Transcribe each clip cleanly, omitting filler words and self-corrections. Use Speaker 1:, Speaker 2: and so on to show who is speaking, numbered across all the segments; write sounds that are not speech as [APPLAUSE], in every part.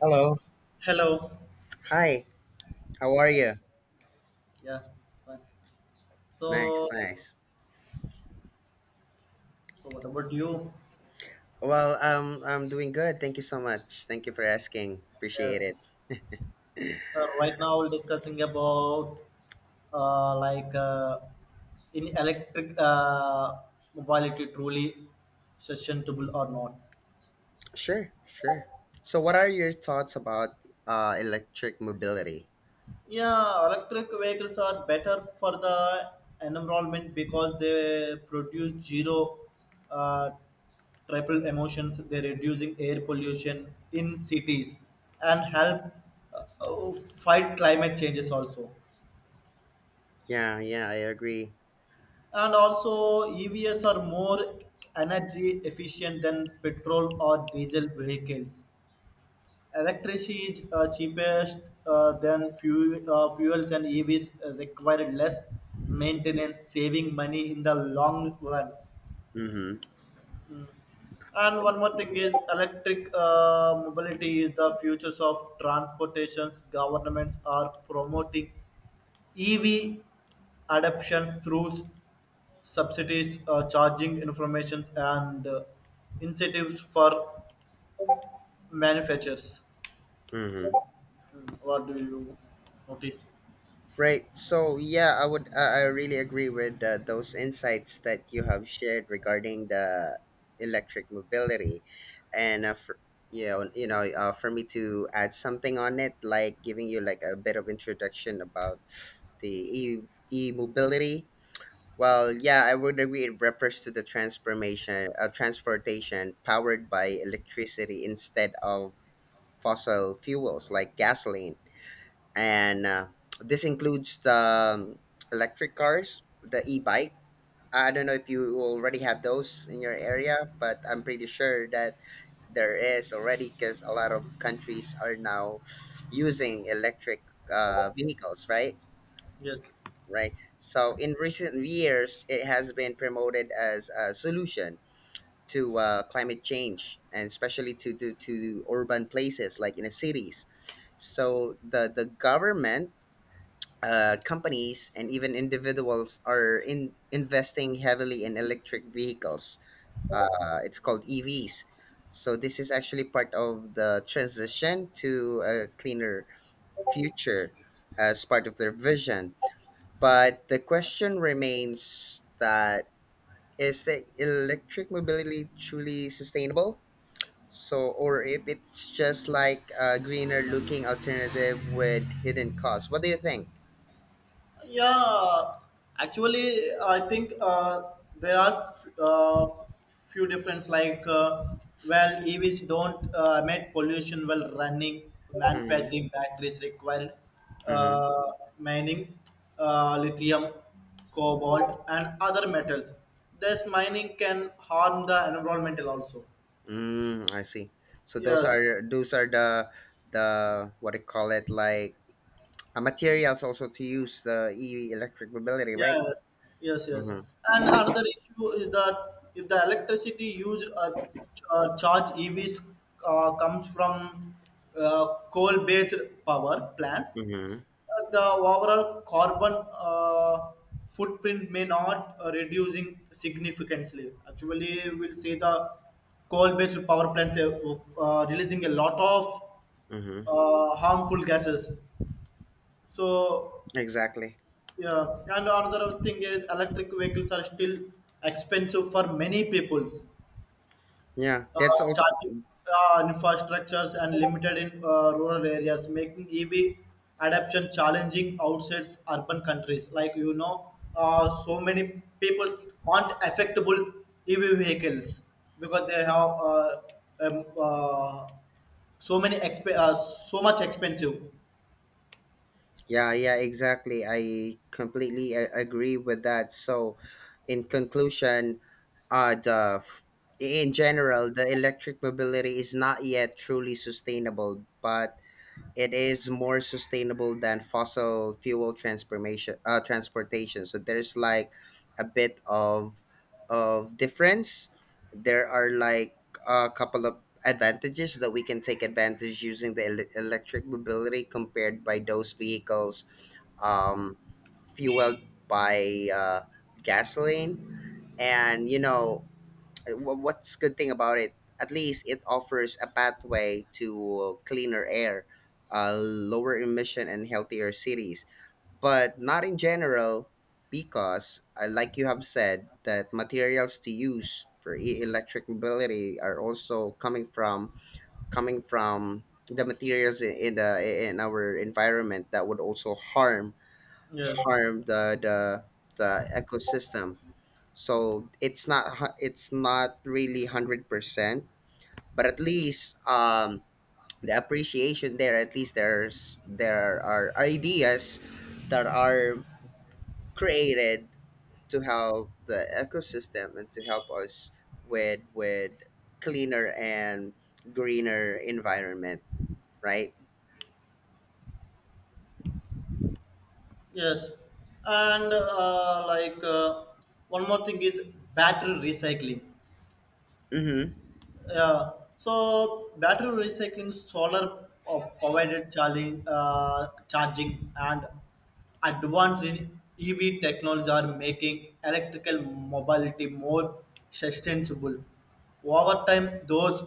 Speaker 1: Hello.
Speaker 2: Hello.
Speaker 1: Hi. How are you?
Speaker 2: Yeah, fine.
Speaker 1: Nice,
Speaker 2: So,
Speaker 1: nice.
Speaker 2: so what about you?
Speaker 1: I'm doing good. Thank you so much. Thank you for asking. Appreciate
Speaker 2: Yes.
Speaker 1: it.
Speaker 2: So right now we're discussing about uh, like uh, in electric mobility truly sustainable or not.
Speaker 1: Sure, sure. So, what are your thoughts about electric mobility?
Speaker 2: Yeah, electric vehicles are better for the environment because they produce zero uh, triple emissions. They're reducing air pollution in cities and help fight climate changes also.
Speaker 1: Yeah, yeah, I agree.
Speaker 2: And also, EVs are more energy efficient than petrol or diesel vehicles. Electricity is cheapest than fuels, and EVs require less maintenance, saving money in the long run.
Speaker 1: Mm-hmm.
Speaker 2: And one more thing is electric mobility is the future of transportations. Governments are promoting EV adoption through subsidies, charging informations, and incentives for manufacturers.
Speaker 1: Mm-hmm.
Speaker 2: Hmm, what do you notice?
Speaker 1: Right. So yeah, I would. I really agree with those insights that you have shared regarding the electric mobility, and for, you know, for me to add something on it, like giving you like a bit of introduction about the e mobility. Well, yeah, I would agree. It refers to the transportation powered by electricity instead of fossil fuels like gasoline and this includes the electric cars, the e-bike. I don't know if you already have those in your area, but I'm pretty sure that there is already because a lot of countries are now using electric vehicles, right?
Speaker 2: Yes.
Speaker 1: Right. So in recent years, it has been promoted as a solution to climate change, and especially to urban places like in the cities. So the government, companies and even individuals are in investing heavily in electric vehicles. It's called EVs. So this is actually part of the transition to a cleaner future as part of their vision. But the question remains that is the electric mobility truly sustainable? So, or if it's just like a greener looking alternative with hidden costs. What do you think?
Speaker 2: Yeah, actually, I think there are few difference. Like, well, EVs don't emit pollution while running.
Speaker 1: Mm-hmm.
Speaker 2: Manufacturing batteries require
Speaker 1: Mm-hmm.
Speaker 2: uh, mining lithium, cobalt, and other metals. This mining can harm the environmental also.
Speaker 1: Mm, I see. So those
Speaker 2: Yes.
Speaker 1: are those are the what do you call it like materials also to use the EV electric mobility, right?
Speaker 2: Yes, yes, yes.
Speaker 1: Mm-hmm.
Speaker 2: And another issue is that if the electricity used charge EVs comes from coal-based power plants,
Speaker 1: Mm-hmm.
Speaker 2: the overall carbon footprint may not reducing significantly. Actually, we'll see the coal-based power plants releasing a lot of
Speaker 1: Mm-hmm.
Speaker 2: harmful gases. So
Speaker 1: Exactly.
Speaker 2: yeah, and another thing is electric vehicles are still expensive for many people.
Speaker 1: Yeah,
Speaker 2: Uh,
Speaker 1: that's also
Speaker 2: Charging infrastructures and limited in rural areas, making EV adoption challenging outside urban countries. Like you know, so many people aren't affectable EV vehicles because they have um, uh, so many so much expensive.
Speaker 1: yeah, yeah exactly. I completely agree with that. So, in conclusion, uh the f- in general the electric mobility is not yet truly sustainable, but it is more sustainable than fossil fuel transformation transportation, so there's like a bit of difference, there are like a couple of advantages that we can take advantage using the electric mobility compared by those vehicles um, fueled by gasoline. And you know, what's good thing about it, at least it offers a pathway to cleaner air, lower emission and healthier cities, but not in general, because like you have said that materials to use for electric mobility are also coming from the materials in our environment that would also harm
Speaker 2: Yes.
Speaker 1: harm the ecosystem. So it's not hu- it's not really 100%, but at least um, the appreciation there, at least there are ideas that are created to help the ecosystem and to help us with cleaner and greener environment, right?
Speaker 2: Yes, and one more thing is battery recycling.
Speaker 1: Mm-hmm,
Speaker 2: Yeah. So battery recycling, solar provided charging, and advanced in EV technology are making electrical mobility more sustainable. Over time, those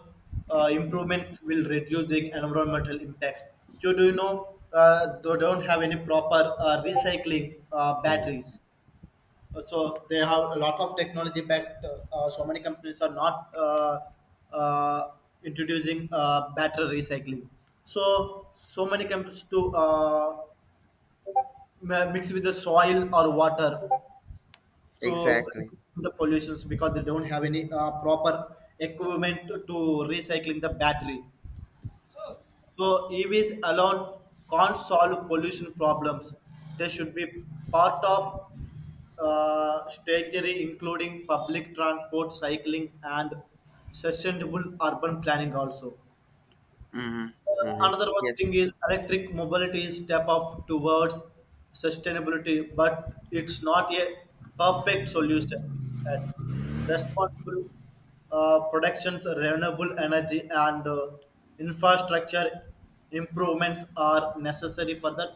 Speaker 2: improvements will reduce the environmental impact. So, do you know they don't have any proper recycling
Speaker 1: mm-hmm.
Speaker 2: batteries? So they have a lot of technology, but so many companies are not uh, introducing battery recycling, so so many companies to mix with the soil or water, so
Speaker 1: Exactly.
Speaker 2: the pollutions because they don't have any proper equipment to recycling the battery. So EVs alone can't solve pollution problems. They should be part of strategy, including public transport, cycling, and sustainable urban planning also.
Speaker 1: Mm-hmm, mm-hmm.
Speaker 2: Another one
Speaker 1: Yes.
Speaker 2: thing is electric mobility is step up towards sustainability, but it's not a perfect solution. That responsible productions, renewable energy, and infrastructure improvements are necessary for the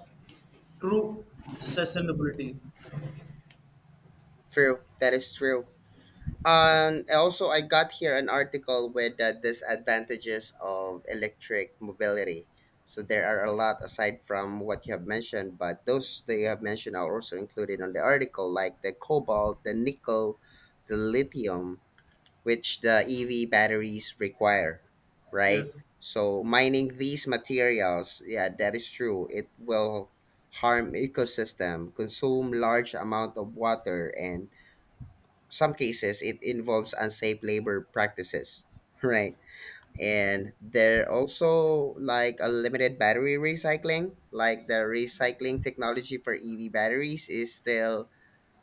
Speaker 2: true sustainability.
Speaker 1: True, that is true. And also, I got here an article with the disadvantages of electric mobility. So there are a lot aside from what you have mentioned, but those that you have mentioned are also included on the article, like the cobalt, the nickel, the lithium, which the EV batteries require, right?
Speaker 2: Yes,
Speaker 1: So mining these materials, yeah, that is true. It will harm ecosystem, consume large amount of water, and some cases it involves unsafe labor practices [LAUGHS] right. And there also like a limited battery recycling, like the recycling technology for ev batteries is still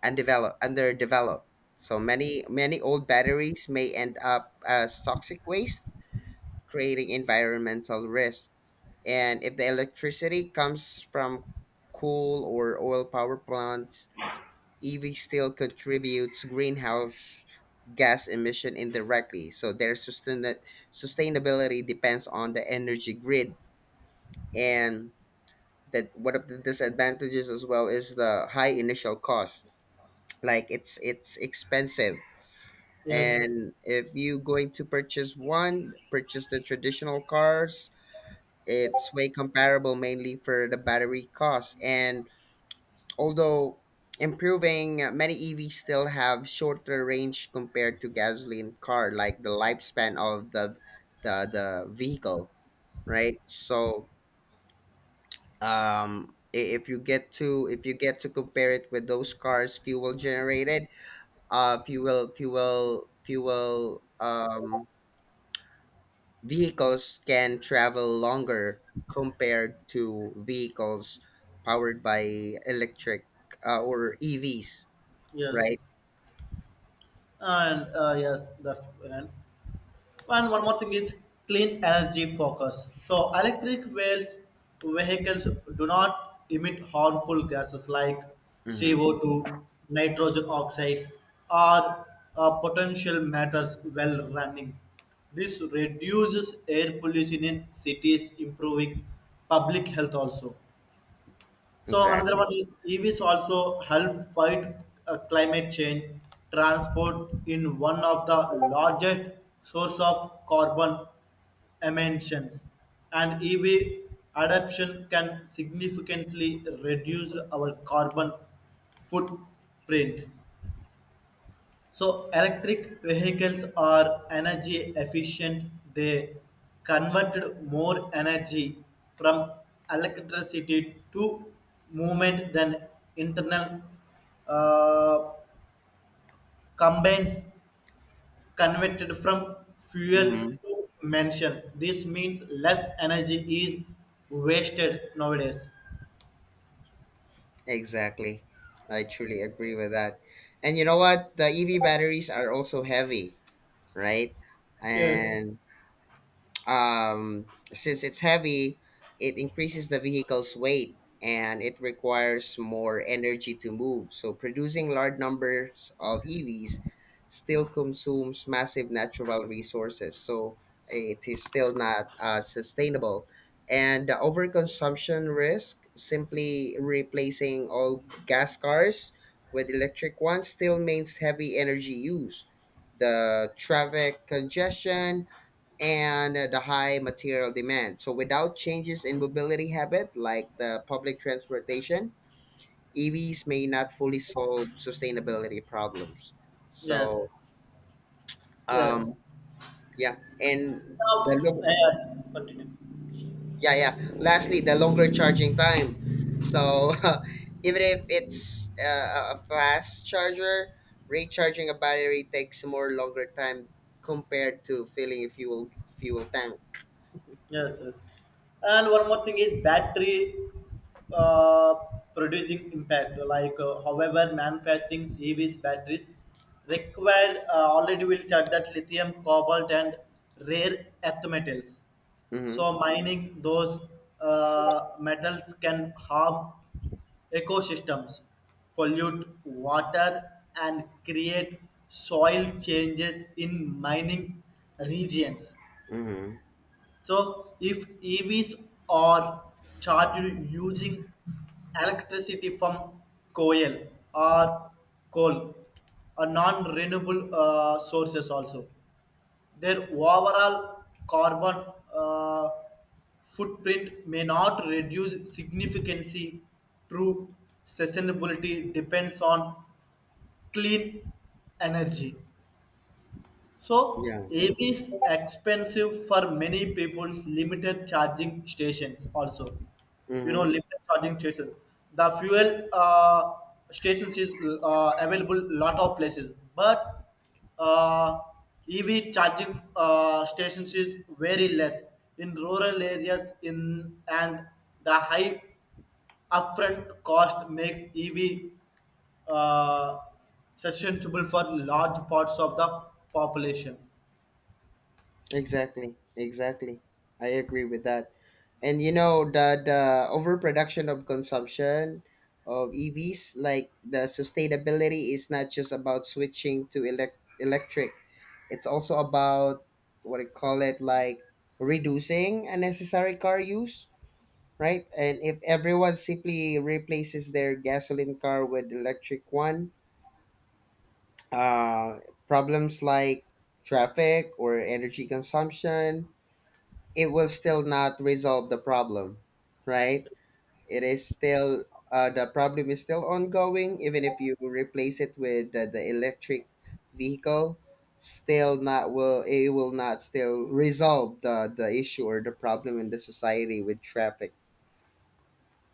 Speaker 1: undeveloped underdeveloped, so many old batteries may end up as toxic waste, creating environmental risk. And if the electricity comes from coal or oil power plants, ev still contributes greenhouse gas emission indirectly. So their sustainability depends on the energy grid. And that one of the disadvantages as well is the high initial cost. Like it's expensive.
Speaker 2: yes,
Speaker 1: And if you going to purchase one, purchase the traditional cars. It's way comparable mainly for the battery cost. And although improving, many EVs still have shorter range compared to gasoline car, like the lifespan of the vehicle, right? So if you get to if you get to compare it with those cars fuel generated, fuel fuel fuel vehicles can travel longer compared to vehicles powered by electric or EVs,
Speaker 2: yes,
Speaker 1: right?
Speaker 2: and yes, that's right. And one more thing is clean energy focus. So electric wheels, vehicles do not emit harmful gases like
Speaker 1: Mhm.
Speaker 2: CO2, nitrogen oxides, or potential matters while running. This reduces air pollution in cities, improving public health also. So another
Speaker 1: Exactly.
Speaker 2: one is EVs also help fight climate change. Transport in one of the largest source of carbon emissions, and EV adoption can significantly reduce our carbon footprint. So electric vehicles are energy efficient. They convert more energy from electricity to movement than internal uh, combines converted from fuel
Speaker 1: Hmm.
Speaker 2: to mention. This means less energy is wasted nowadays.
Speaker 1: Exactly. I truly agree with that. And you know what? The EV batteries are also heavy, right?
Speaker 2: Yes.
Speaker 1: And um, since it's heavy, it increases the vehicle's weight and it requires more energy to move. So producing large numbers of EVs still consumes massive natural resources. So it is still not sustainable. And the overconsumption risk, simply replacing all gas cars with electric ones, still means heavy energy use, the traffic congestion and the high material demand. So without changes in mobility habit like the public transportation, EVs may not fully solve sustainability problems.
Speaker 2: Yes.
Speaker 1: So
Speaker 2: Yes.
Speaker 1: um, yeah, and the
Speaker 2: Now,
Speaker 1: long,
Speaker 2: uh, continue.
Speaker 1: yeah, yeah. Lastly, the longer charging time. So [LAUGHS] even if it's a fast charger, recharging a battery takes more longer time compared to filling a fuel tank.
Speaker 2: Yes, yes. And one more thing is battery uh, producing impact. Like, however, manufacturing EVs batteries require already will said that lithium, cobalt, and rare earth metals.
Speaker 1: Mm-hmm.
Speaker 2: So mining those metals can harm ecosystems, pollute water, and create soil changes in mining regions.
Speaker 1: Mm-hmm.
Speaker 2: So if EVs are charged using electricity from coal or coal or non-renewable sources also, their overall carbon uh, footprint may not reduce significantly. True sustainability depends on clean energy. So,
Speaker 1: Yeah.
Speaker 2: AB is expensive for many people. Limited charging stations also, you know,
Speaker 1: Mm-hmm.
Speaker 2: limited charging stations. The fuel stations is available lot of places, but uh, EV charging stations is very less in rural areas. In and the high upfront cost makes EV uh, sustainable for large parts of the population.
Speaker 1: Exactly, exactly. I agree with that. And you know that the overproduction of consumption of EVs, like the sustainability, is not just about switching to electric. It's also about what I call it, like reducing unnecessary car use, right? And if everyone simply replaces their gasoline car with electric one, uh, problems like traffic or energy consumption, it will still not resolve the problem, right? It is still the problem is still ongoing. Even if you replace it with the electric vehicle, still not will it will not still resolve the issue or the problem in the society with traffic.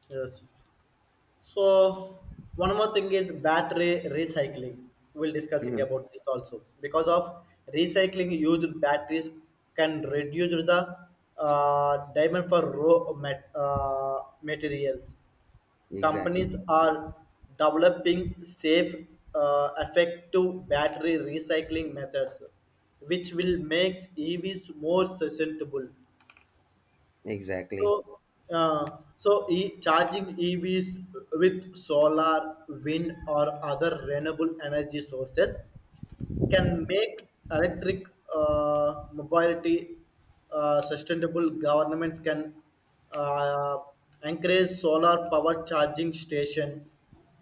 Speaker 2: Yes. So one more thing is battery recycling. We'll discussing
Speaker 1: Mhm.
Speaker 2: about this also because of recycling used batteries can reduce the demand for raw materials.
Speaker 1: Exactly.
Speaker 2: Companies are developing safe, effective battery recycling methods, which will make EVs more sustainable.
Speaker 1: Exactly.
Speaker 2: So, charging EVs with solar, wind, or other renewable energy sources can make electric mobility sustainable. Governments can uh, encourage solar power charging stations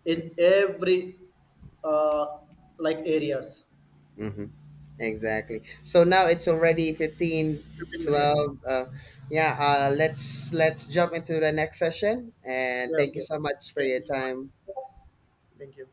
Speaker 2: in every uh, like areas.
Speaker 1: Hmm. Exactly. So now it's already 15,
Speaker 2: 15 minutes.
Speaker 1: 12. Yeah. Let's jump into the next session. And
Speaker 2: Yeah.
Speaker 1: thank you
Speaker 2: Okay.
Speaker 1: so much for
Speaker 2: Thank
Speaker 1: your
Speaker 2: you so much.
Speaker 1: time.
Speaker 2: Thank you.